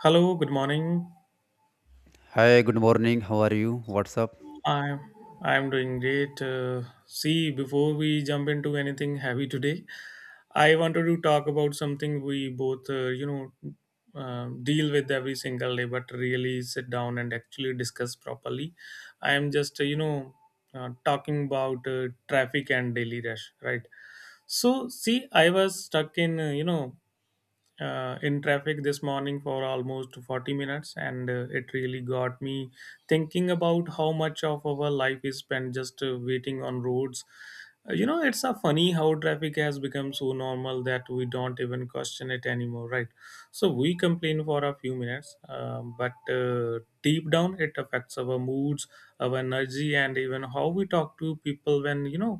Hello, good morning. Hi, good morning. How are you? What's up? I'm I'm doing great. See, before we jump into anything heavy today, I wanted to talk about something we both, deal with every single day, but really sit down and actually discuss properly. I am just, talking about traffic and daily rush, right? See, I was stuck in, in traffic this morning for almost 40 minutes, and it really got me thinking about how much of our life is spent just waiting on roads. You know, it's a funny how traffic has become so normal that we don't even question it anymore, right? So we complain for a few minutes, but deep down it affects our moods, our energy, and even how we talk to people when you know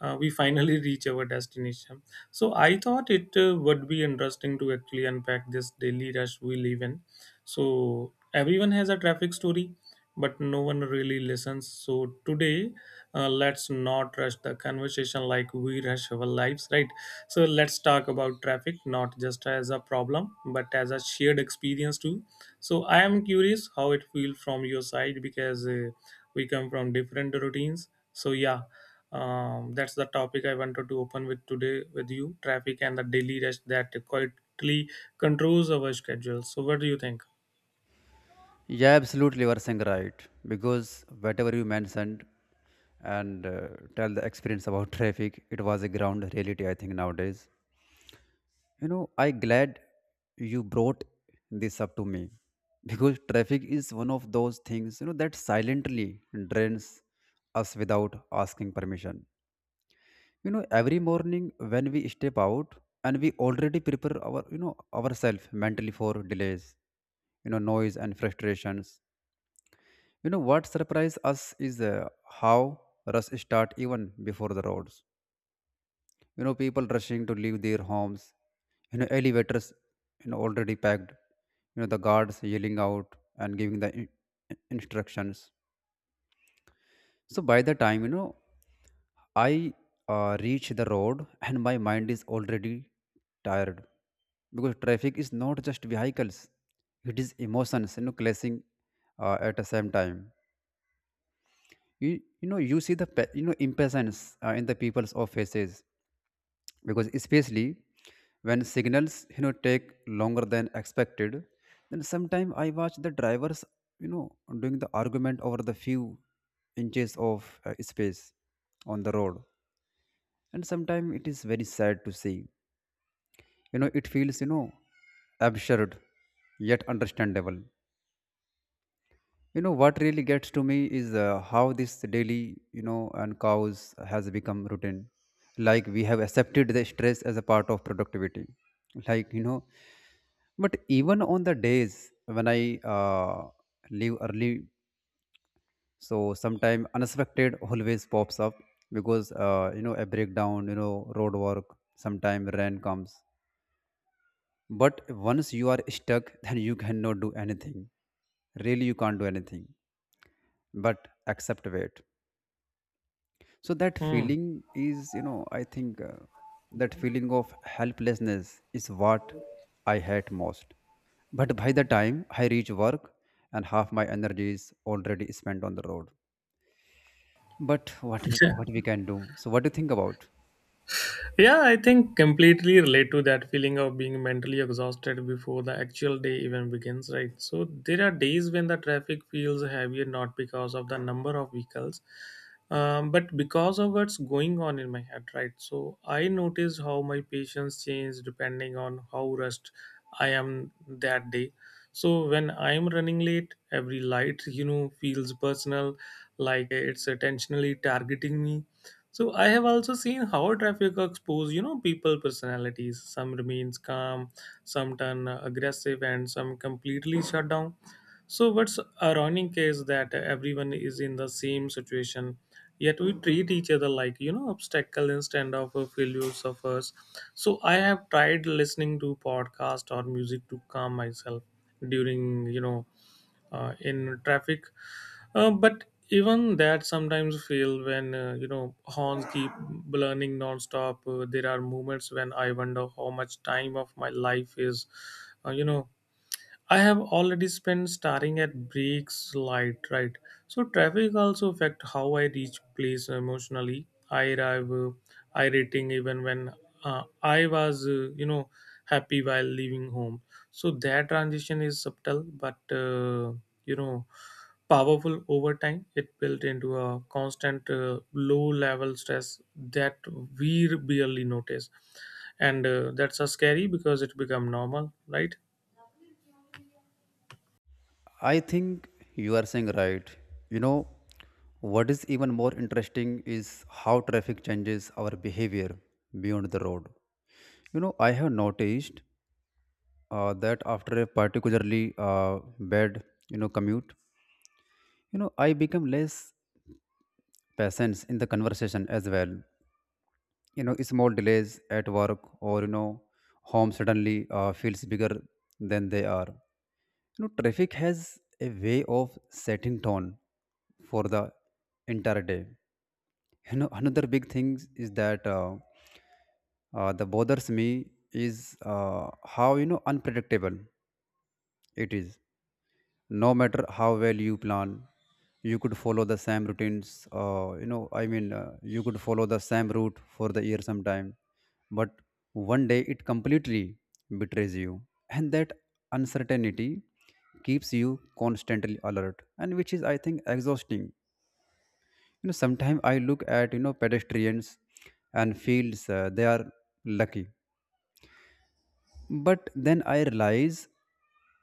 uh, we finally reach our destination. So I thought it would be interesting to actually unpack this daily rush we live in. So everyone has a traffic story, but no one really listens. So today, let's not rush the conversation like we rush our lives, right? So let's talk about traffic not just as a problem, but as a shared experience too. So I am curious how it feels from your side because we come from different routines, so yeah, that's the topic I wanted to open with today with you: traffic and the daily rest that quietly controls our schedule. So what do you think? Yeah, absolutely. You are saying right. Because whatever you mentioned and tell the experience about traffic, it was a ground reality, I think, nowadays. You know, I glad you brought this up to me because traffic is one of those things, you know, that silently drains us without asking permission. You know, every morning when we step out, and we already prepare our, you know, ourselves mentally for delays, you know, noise and frustrations. You know, what surprised us is how rush start even before the roads. You know, people rushing to leave their homes, you know, elevators, you know, already packed, you know, the guards yelling out and giving the instructions. So by the time, you know, I reach the road, and my mind is already tired, because traffic is not just vehicles, it is emotions, you know, clashing at the same time. You know, you see the, you know, impatience in the people's of faces, because especially when signals, you know, take longer than expected. Then sometimes I watch the drivers, you know, doing the argument over the few inches of space on the road. And sometimes it is very sad to see, you know, it feels, you know, absurd yet understandable. You know, what really gets to me is how this daily, you know, and cows has become routine, like we have accepted the stress as a part of productivity, like you know. But even on the days when I leave early, so sometime unexpected always pops up, because you know, a breakdown, you know, road work, sometime rain comes. But once you are stuck, then you cannot do anything. Really, you can't do anything but accept wait. So that Hmm. feeling is, you know, I think that feeling of helplessness is what I hate most. But by the time I reach work, and half my energy is already spent on the road. But what we can do? So what do you think about? Yeah, I think completely relate to that feeling of being mentally exhausted before the actual day even begins, right? So there are days when the traffic feels heavier not because of the number of vehicles, but because of what's going on in my head, right? So I notice how my patience changes depending on how rushed I am that day. So when I'm running late, every light, you know, feels personal, like it's intentionally targeting me. So I have also seen how traffic expose, you know, people personalities. Some remains calm, some turn aggressive, and some completely shut down. So what's ironic is that everyone is in the same situation, yet we treat each other like you know obstacle instead of a failure suffers. So I have tried listening to podcast or music to calm myself during in traffic, but even that sometimes fail when you know horns keep blowing non-stop. There are moments when I wonder how much time of my life is, uh, you know, I have already spent staring at breaks light, right? So traffic also affect how I reach place emotionally. I arrive irritating even when I was, happy while leaving home. So that transition is subtle, but, you know, powerful over time. It built into a constant low-level stress that we barely notice, and that's scary because it become normal, right? I think you are saying right. You know, what is even more interesting is how traffic changes our behavior beyond the road. You know, I have noticed that after a particularly bad, you know, commute, you know, I become less patient in the conversation as well. You know, small delays at work or, you know, home suddenly feels bigger than they are. You know, traffic has a way of setting tone for the entire day. You know, another big thing is that that bothers me is how, you know, unpredictable it is. No matter how well you plan, you could follow the same routines, you know, i mean, you could follow the same route for the year sometime, but one day it completely betrays you, and that uncertainty keeps you constantly alert, and which is I think exhausting. You know, sometimes I look at, you know, pedestrians and feels they are lucky. But then I realize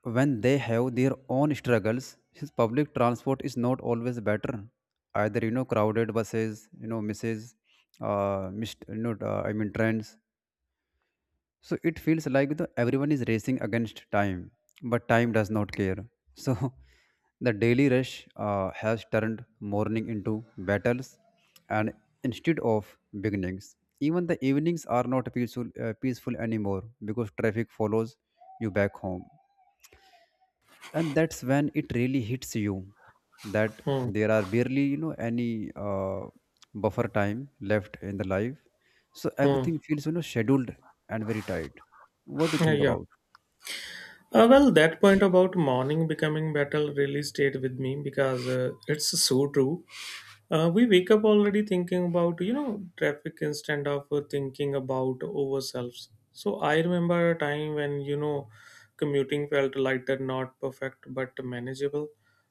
when they have their own struggles, since public transport is not always better. Either, you know, crowded buses, you know, misses, missed, you know, i mean trains, so it feels like the everyone is racing against time, but time does not care. So the daily rush has turned morning into battles, and instead of beginnings, even the evenings are not peaceful anymore, because traffic follows you back home. And that's when it really hits you that Hmm. there are barely, you know, any buffer time left in the life. So Hmm. everything feels, you know, scheduled and very tight. What do you Uh, think yeah. about? Well, that point about morning becoming battle really stayed with me because it's so true. We wake up already thinking about you know traffic instead of thinking about ourselves. So I remember a time when you know commuting felt lighter, not perfect but manageable.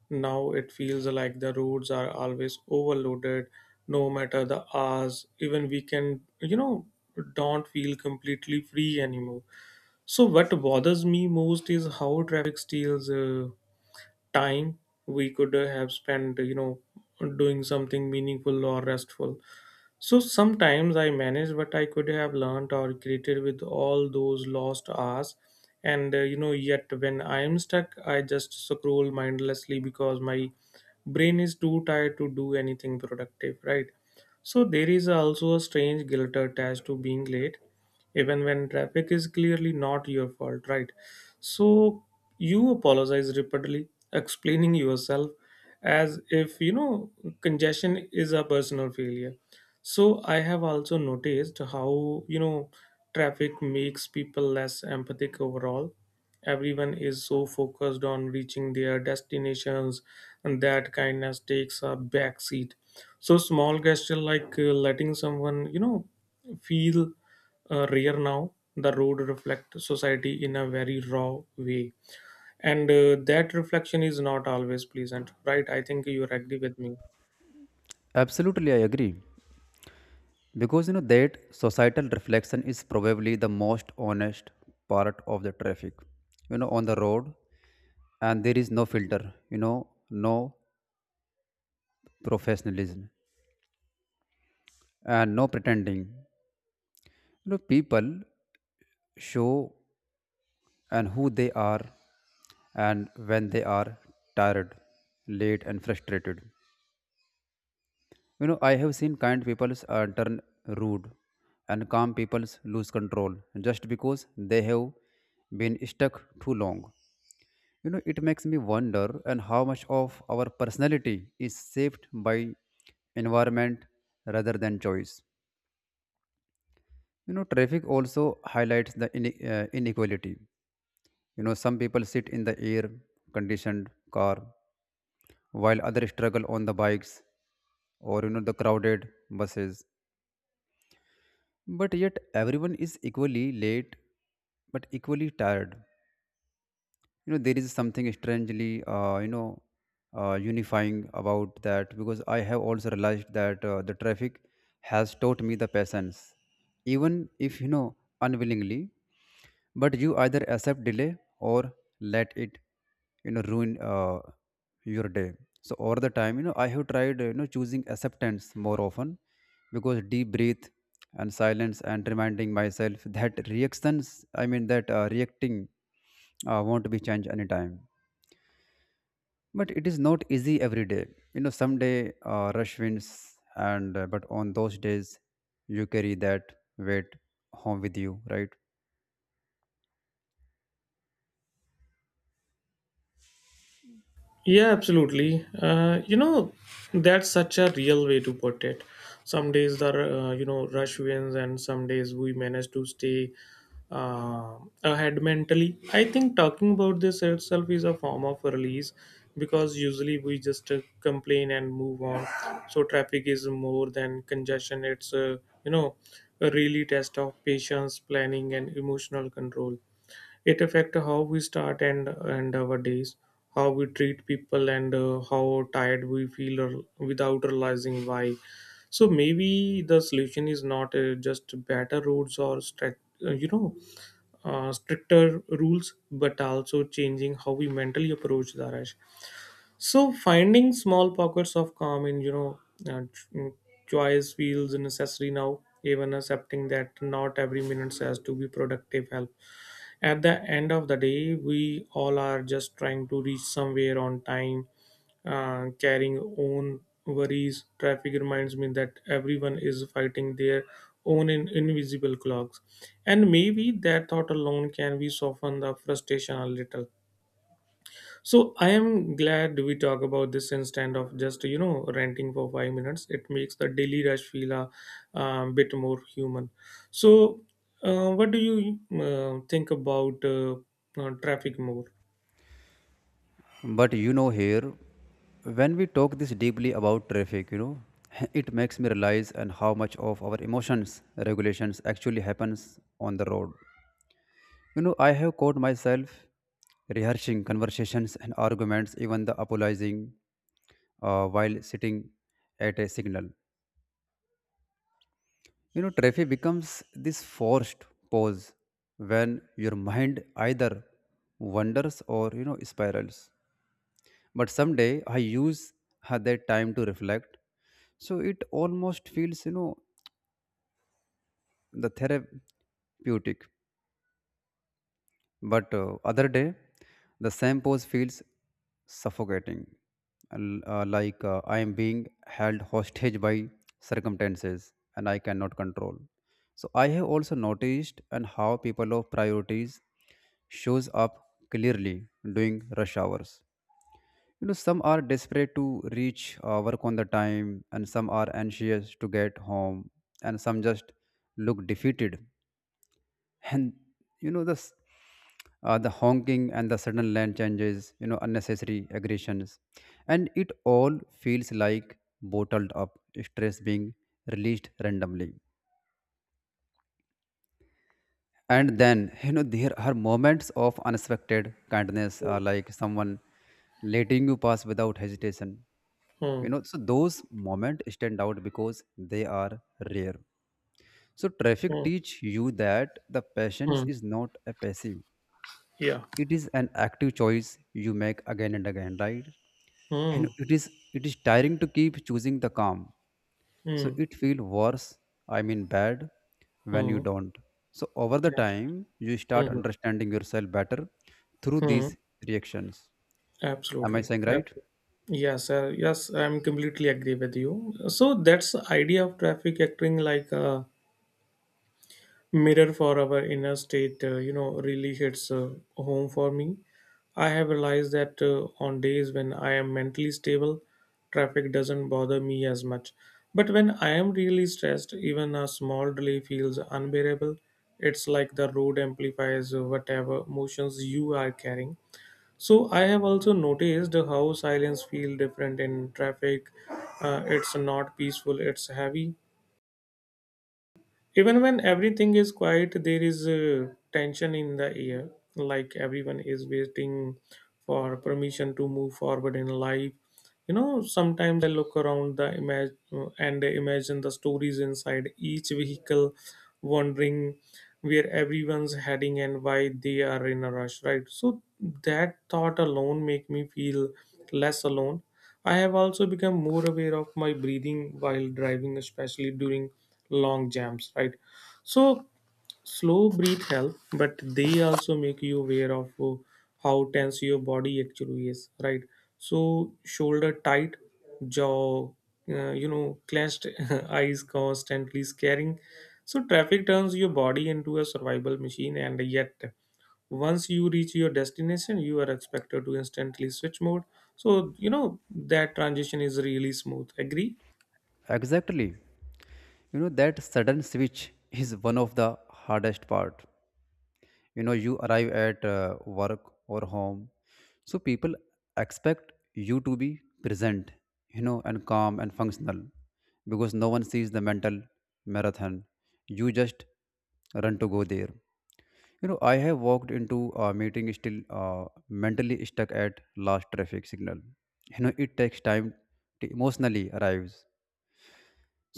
Now it feels like the roads are always overloaded, no matter the hours. Even weekend, you know, don't feel completely free anymore. So what bothers me most is how traffic steals time we could have spent you know doing something meaningful or restful. So sometimes I manage what I could have learned or created with all those lost hours, and, you know, yet when I am stuck I just scroll mindlessly because my brain is too tired to do anything productive, right? So there is also a strange guilt attached to being late even when traffic is clearly not your fault, right? So you apologize repeatedly, explaining yourself as if you know congestion is a personal failure. So I have also noticed how you know traffic makes people less empathic overall. Everyone is so focused on reaching their destinations, and that kindness takes a back seat. So small gesture like letting someone you know feel rare now. The road reflects society in a very raw way, and that reflection is not always pleasant, right? I think you are agree with me. Absolutely, I agree. Because you know that societal reflection is probably the most honest part of the traffic. You know, on the road, and there is no filter, you know, no professionalism and no pretending. You know, people show and who they are, and when they are tired, late, and frustrated. You know, I have seen kind people turn rude, and calm people lose control just because they have been stuck too long. You know, it makes me wonder and how much of our personality is shaped by environment rather than choice. You know, traffic also highlights the inequality. You know, some people sit in the air conditioned car, while others struggle on the bikes or, you know, the crowded buses. But yet everyone is equally late, but equally tired. You know, there is something strangely, you know, unifying about that. Because I have also realized that the traffic has taught me the patience, even if, you know, unwillingly. But you either accept delay or let it, you know, ruin your day. So over the time, you know, I have tried, you know, choosing acceptance more often. Because deep breath and silence and reminding myself that reactions I mean that reacting won't be changed anytime. But it is not easy every day. You know, someday rush wins, and but on those days you carry that weight home with you, right? Yeah, absolutely. You know, that's such a real way to put it. Some days the, you know, rush wins, and some days we manage to stay uh, ahead mentally. I think talking about this itself is a form of release because usually we just complain and move on. So traffic is more than congestion. It's, you know, a really test of patience, planning, and emotional control. It affect how we start and our days, how we treat people, and how tired we feel or without realizing why. So maybe the solution is not just better roads or strict, stricter rules, but also changing how we mentally approach the rush. So finding small pockets of calm in uh, ch- mm, choice feels necessary now. Even accepting that not every minute has to be productive help. At the end of the day we all are just trying to reach somewhere on time, carrying own worries. Traffic reminds me that everyone is fighting their own invisible clocks, and maybe that thought alone can be soften the frustration a little. So I am glad we talk about this instead of just you know ranting for 5 minutes. It makes the daily rush feel a bit more human. So what do you think about traffic more? But you know, here, when we talk this deeply about traffic, you know, it makes me realize and how much of our emotions regulations actually happens on the road. You know, I have caught myself rehearsing conversations and arguments, even the apologizing while sitting at a signal. You know, traffic becomes this forced pause when your mind either wanders or, you know, spirals. But someday I use that time to reflect. So it almost feels, you know, the therapeutic. But other day, the same pose feels suffocating, like I am being held hostage by circumstances, and I cannot control. So I have also noticed and how people of priorities shows up clearly during rush hours. You know, some are desperate to reach work on the time, and some are anxious to get home, and some just look defeated. And you know, the honking and the sudden land changes, you know, unnecessary aggressions, and it all feels like bottled up stress being released randomly. And then, you know, there are moments of unexpected kindness, Hmm. like someone letting you pass without hesitation. You Hmm. know, so those moments stand out because they are rare. So traffic Hmm. teach you that the patience Hmm. is not a passive, Yeah. it is an active choice you make again and again, right? And Hmm. It is tiring to keep choosing the calm. So Hmm. it feel worse I mean bad when you Hmm. don't. So over the time, you start Absolutely. understanding yourself better through Hmm. Hmm. these reactions. Am I Absolutely. saying right? Absolutely. Yes, I'm completely agree with you. So that's the idea of traffic acting like a mirror for our inner state, you know, really hits home for me. I have realized that on days when I am mentally stable traffic doesn't bother me as much, but when I am really stressed even a small delay feels unbearable. It's like the road amplifies whatever emotions you are carrying. So I have also noticed how silence feels different in traffic. It's not peaceful. It's heavy. Even when everything is quiet, there is tension in the air, like everyone is waiting for permission to move forward in life. You know, sometimes I look around the image and imagine the stories inside each vehicle, wondering where everyone's heading and why they are in a rush, right? So that thought alone make me feel less alone. I have also become more aware of my breathing while driving, especially during long jams, right? So, slow breath help, but they also make you aware of how tense your body actually is, right? So shoulder tight, jaw, you know, clenched, eyes constantly scaring. So traffic turns your body into a survival machine, and yet once you reach your destination you are expected to instantly switch mode. So you know that transition is really smooth, agree? Exactly. You know that sudden switch is one of the hardest part. You know you arrive at, work or home, so people expect you to be present, you know, and calm and functional, because no one sees the mental marathon. You just run to go there. You know I have walked into a meeting still mentally stuck at last traffic signal. You know it takes time to emotionally arrives,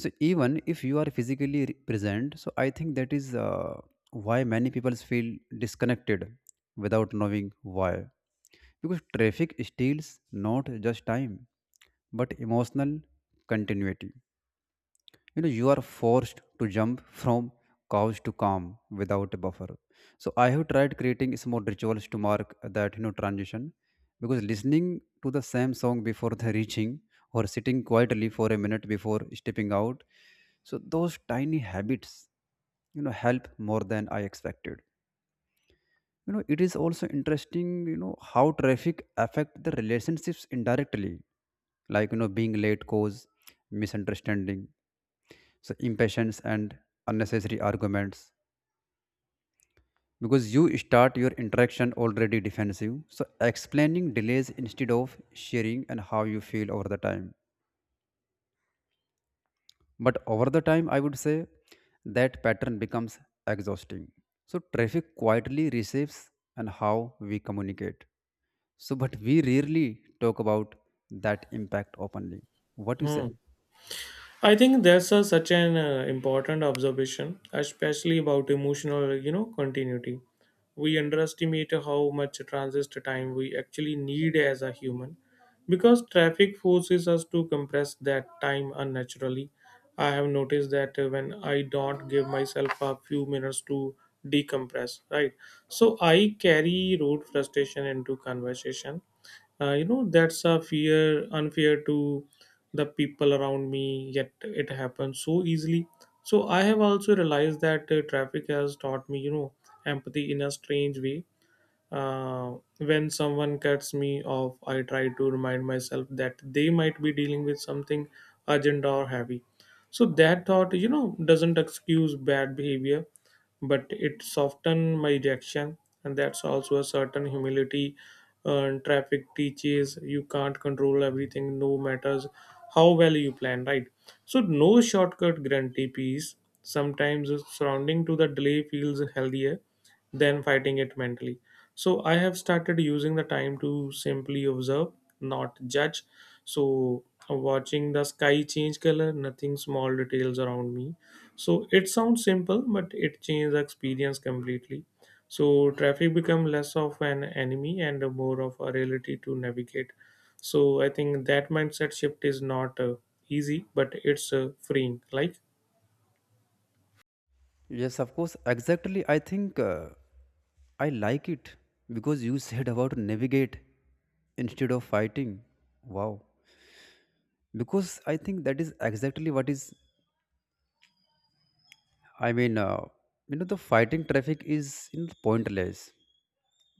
so even if you are physically present. So I think that is why many people feel disconnected without knowing why, because traffic steals not just time but emotional continuity. You know, you are forced to jump from couch to calm without a buffer. So I have tried creating small rituals to mark that, you know, transition. Because listening to the same song before the reaching, or sitting quietly for a minute before stepping out. So those tiny habits, you know, help more than I expected. You know, it is also interesting, you know, how traffic affect the relationships indirectly, like, you know, being late cause misunderstanding, so impatience and unnecessary arguments, because you start your interaction already defensive, so explaining delays instead of sharing and how you feel over the time. But over the time I would say that pattern becomes exhausting. So traffic quietly receives and how we communicate. So but we rarely talk about that impact openly. What do you say? Hmm. I think that's a, such an important observation, especially about emotional, you know, continuity. We underestimate how much transit time we actually need as a human, because traffic forces us to compress that time unnaturally. I have noticed that when I don't give myself a few minutes to decompress, right? So I carry road frustration into conversation, you know, that's a fear unfair to the people around me, yet it happens so easily. So I have also realized that traffic has taught me you know empathy in a strange way. Uh, when someone cuts me off, I try to remind myself that they might be dealing with something urgent or heavy. So that thought, you know, doesn't excuse bad behavior, but it softened my reaction, and that's also a certain humility. Traffic teaches you can't control everything, no matters how well you plan, right? So no shortcut guarantee peace. Sometimes surrounding to the delay feels healthier than fighting it mentally. So I have started using the time to simply observe, not judge. So watching the sky change color, nothing small details around me. So it sounds simple, but it changes the experience completely. So traffic become less of an enemy and more of a reality to navigate. So I think that mindset shift is not easy, but it's freeing. Like, Yes, of course. Exactly. I think, I like it because you said about navigate instead of fighting. Wow. Because I think that is exactly what is, I mean, uh, you know, the fighting traffic is, you know, pointless.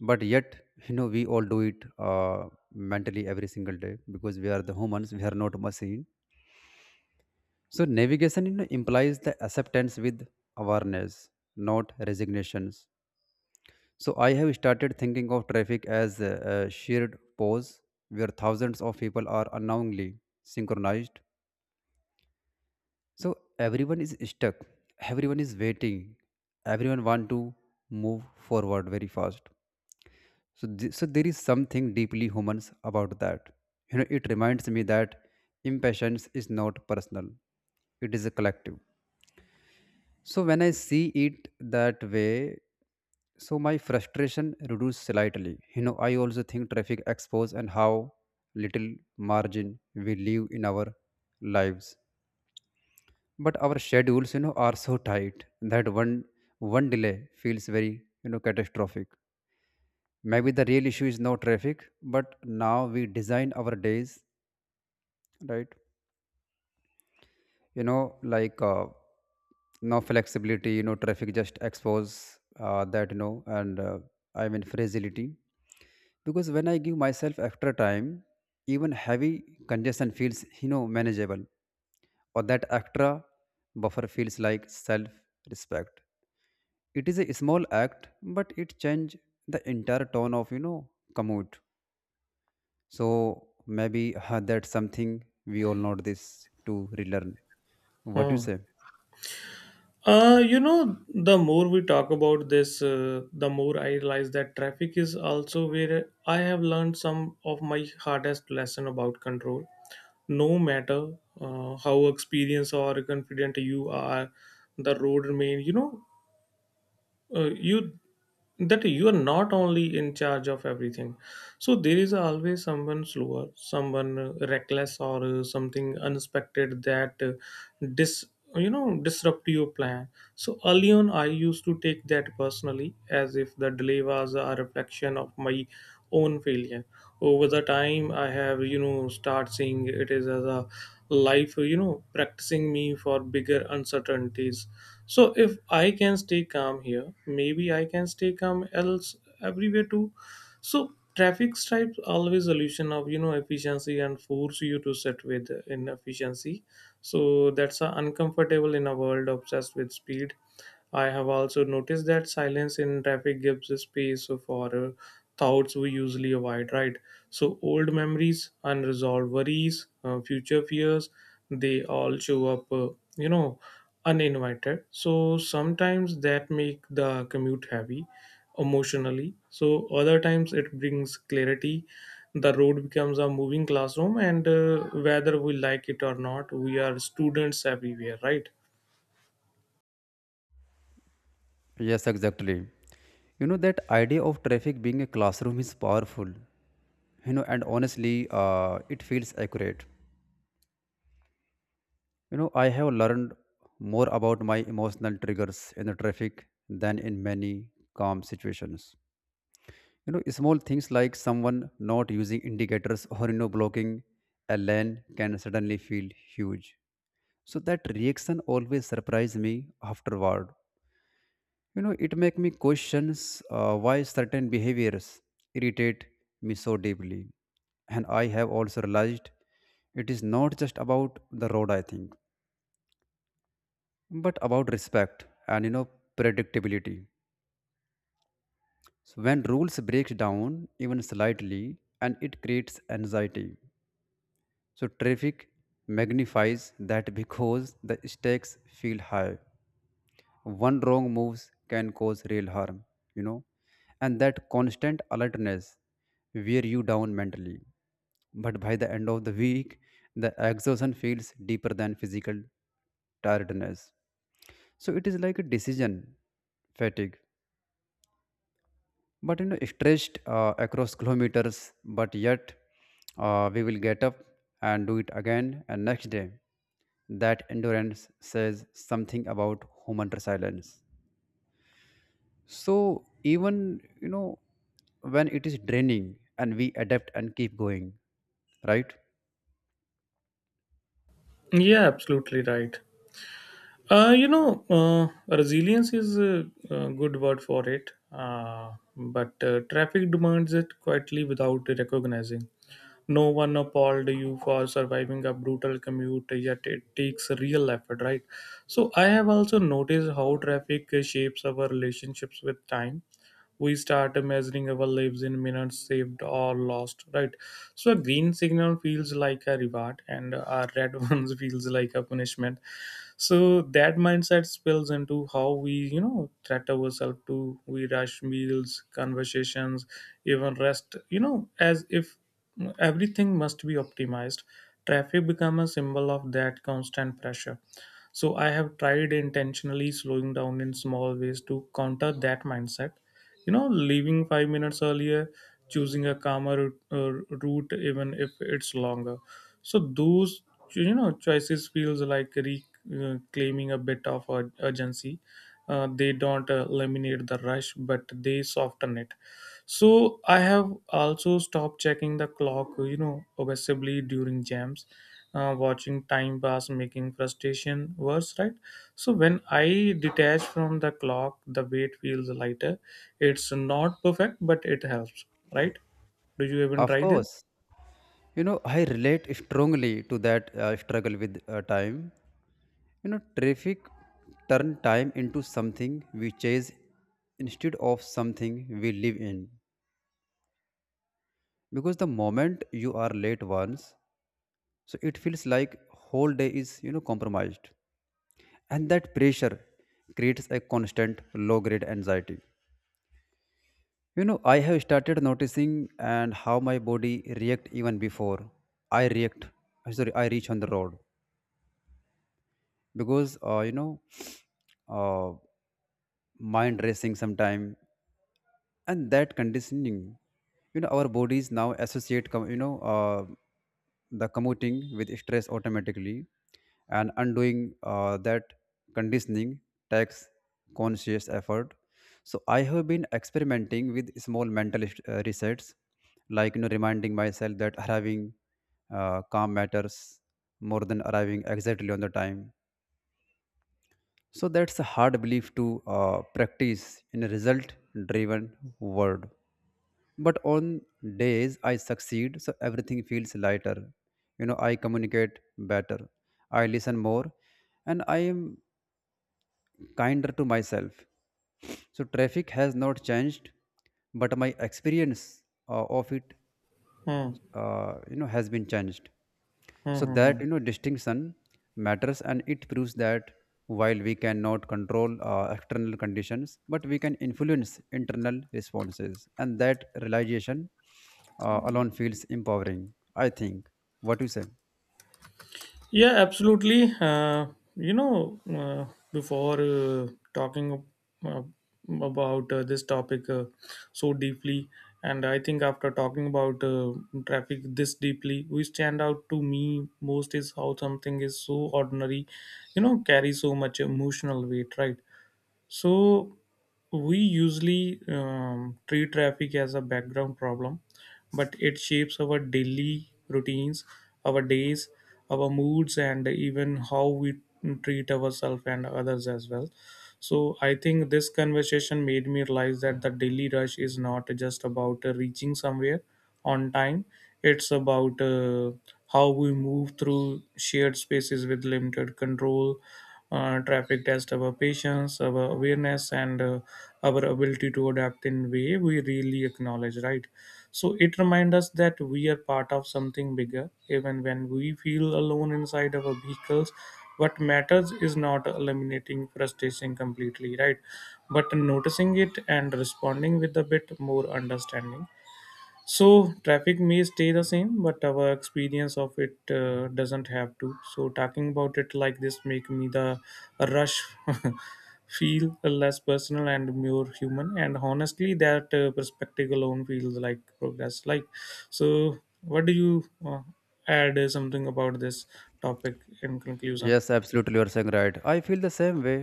But yet, you know, we all do it mentally every single day, because we are the humans, we are not machine. So navigation, you know, implies the acceptance with awareness, not resignations. So I have started thinking of traffic as a shared pause where thousands of people are unknowingly synchronized. So everyone is stuck, everyone is waiting, everyone want to move forward very fast. So so there is something deeply humans about that. You know, it reminds me that impatience is not personal; it is a collective. So when I see it that way, so my frustration reduces slightly. You know, I also think traffic expose and how little margin we leave in our lives. But our schedules, you know, are so tight that one delay feels very, you know, catastrophic. Maybe the real issue is no traffic, but now we design our days, right? You know, like no flexibility, you know, traffic just expose that, you know, and I mean fragility. Because when I give myself extra time, even heavy congestion feels, you know, manageable. Or that extra buffer feels like self respect. It is a small act, but it change the entire tone of, you know, commute. So maybe that's something we all know this to relearn. What do you hmm. say? You know, the more we talk about this, the more I realize that traffic is also where I have learned some of my hardest lesson about control. No matter how experienced or confident you are, the road remain. You know, you that you are not only in charge of everything. So there is always someone slower, someone reckless, or something unexpected that dis disrupt your plan. So early on I used to take that personally, as if the delay was a reflection of my own failure. Over the time I have, start seeing it is as a life, practicing me for bigger uncertainties. So if I can stay calm here, maybe I can stay calm else everywhere too. So traffic stripes always solution of efficiency and force you to sit with inefficiency. So that's uncomfortable in a world obsessed with speed. I have also noticed that silence in traffic gives a space for thoughts we usually avoid, right? So old memories, unresolved worries, future fears, they all show up, you know, uninvited. So sometimes that make the commute heavy emotionally, so other times it brings clarity. The road becomes a moving classroom, and whether we like it or not, we are students everywhere, right? Yes, exactly. You know, that idea of traffic being a classroom is powerful, you know, and honestly, it feels accurate. You know, I have learned more about my emotional triggers in the traffic than in many calm situations. You know, small things like someone not using indicators or, you know, blocking a lane can suddenly feel huge. So that reaction always surprised me afterward. You know, it make me questions why certain behaviors irritate me so deeply. And I have also realized it is not just about the road, I think, but about respect and, you know, predictability. So when rules breaks down even slightly and it creates anxiety. So traffic magnifies that because the stakes feel high. One wrong moves can cause real harm, you know, and that constant alertness wear you down mentally. But by the end of the week, the exhaustion feels deeper than physical tiredness. So it is like a decision fatigue, but you know, stretched across kilometers, but yet we will get up and do it again and next day. That endurance says something about human resilience. So even, you know, when it is draining and we adapt and keep going, right? Yeah, absolutely right. uh, you know uh, Resilience is a good word for it, but traffic demands it quietly without recognizing. No one appalled you for surviving a brutal commute, yet it takes real effort, right? So I have also noticed how traffic shapes our relationships with time. We start measuring our lives in minutes saved or lost, right? So a green signal feels like a reward and a red ones feels like a punishment. So that mindset spills into how we treat ourselves to. We rush meals, conversations, even rest, as if everything must be optimized. Traffic become a symbol of that constant pressure. So I have tried intentionally slowing down in small ways to counter that mindset. You know, leaving 5 minutes earlier, choosing a calmer route even if it's longer. So those choices feels like reclaiming a bit of urgency. They don't eliminate the rush, but they soften it. So I have also stopped checking the clock, obsessively during jams. Watching time pass making frustration worse, right? So when I detach from the clock, the weight feels lighter. It's not perfect, but it helps, right? Did you even Of try this? course, you know I relate strongly to that struggle with time. You know, traffic turn time into something we chase instead of something we live in. Because the moment you are late once, so it feels like whole day is, you know, compromised, and that pressure creates a constant low grade anxiety. You know, I have started noticing and how my body react even before I react. Sorry, I reach on the road because you know, uh, mind racing sometime. And that conditioning, you know, our bodies now associate you know, the commuting with stress automatically. And undoing that conditioning takes conscious effort. So I have been experimenting with small mental resets, like, you know, reminding myself that arriving calm matters more than arriving exactly on the time. So that's a hard belief to practice in a result driven world. But on days I succeed, so everything feels lighter. You know, I communicate better, I listen more, and I am kinder to myself. So traffic has not changed, but my experience of it, Hmm. You know, has been changed. Hmm, So hmm, that, hmm. you know, distinction matters, and it proves that while we cannot control external conditions, but we can influence internal responses. And that realization alone feels empowering, I think. What do you say? Yeah, absolutely. You know, before talking uh, about This topic so deeply, and I think after talking about traffic this deeply, we stand out to me most is how something is so ordinary, you know, carry so much emotional weight, right? So we usually treat traffic as a background problem, but it shapes our daily routines, our days, our moods, and even how we treat ourselves and others as well. So I think this conversation made me realize that the daily rush is not just about reaching somewhere on time. It's about how we move through shared spaces with limited control. Traffic test our patience, our awareness, and our ability to adapt in way we really acknowledge. Right. So it reminds us that we are part of something bigger, even when we feel alone inside our vehicles. What matters is not eliminating frustration completely, right? But noticing it and responding with a bit more understanding. So traffic may stay the same, but our experience of it doesn't have to. So talking about it like this make me the rush feel less personal and more human. And honestly, that perspective alone feels like progress. Like, so what do you add something about this topic in conclusion? Yes, absolutely, you're saying right. I feel the same way.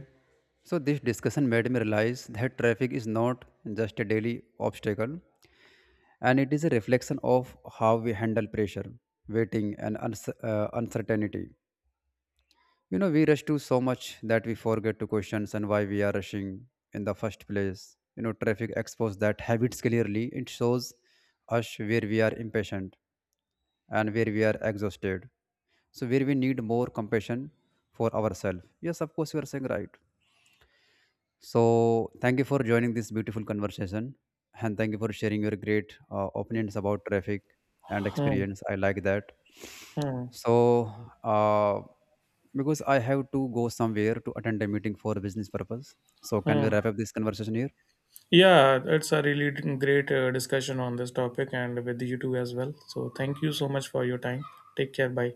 So this discussion made me realize that traffic is not just a daily obstacle, and it is a reflection of how we handle pressure, waiting, and uncertainty. You know, we rush to so much that we forget to question and why we are rushing in the first place. You know, traffic exposed that habits clearly. It shows us where we are impatient and where we are exhausted. So where we need more compassion for ourselves. Yes, of course, you are saying right. So, thank you for joining this beautiful conversation and thank you for sharing your great opinions about traffic and Hmm, experience. I like that. hmm, So, uh, because I have to go somewhere to attend a meeting for business purpose. So, can we hmm. wrap up this conversation here? Yeah, it's a really great discussion on this topic and with you too as well. So thank you so much for your time. Take care. Bye.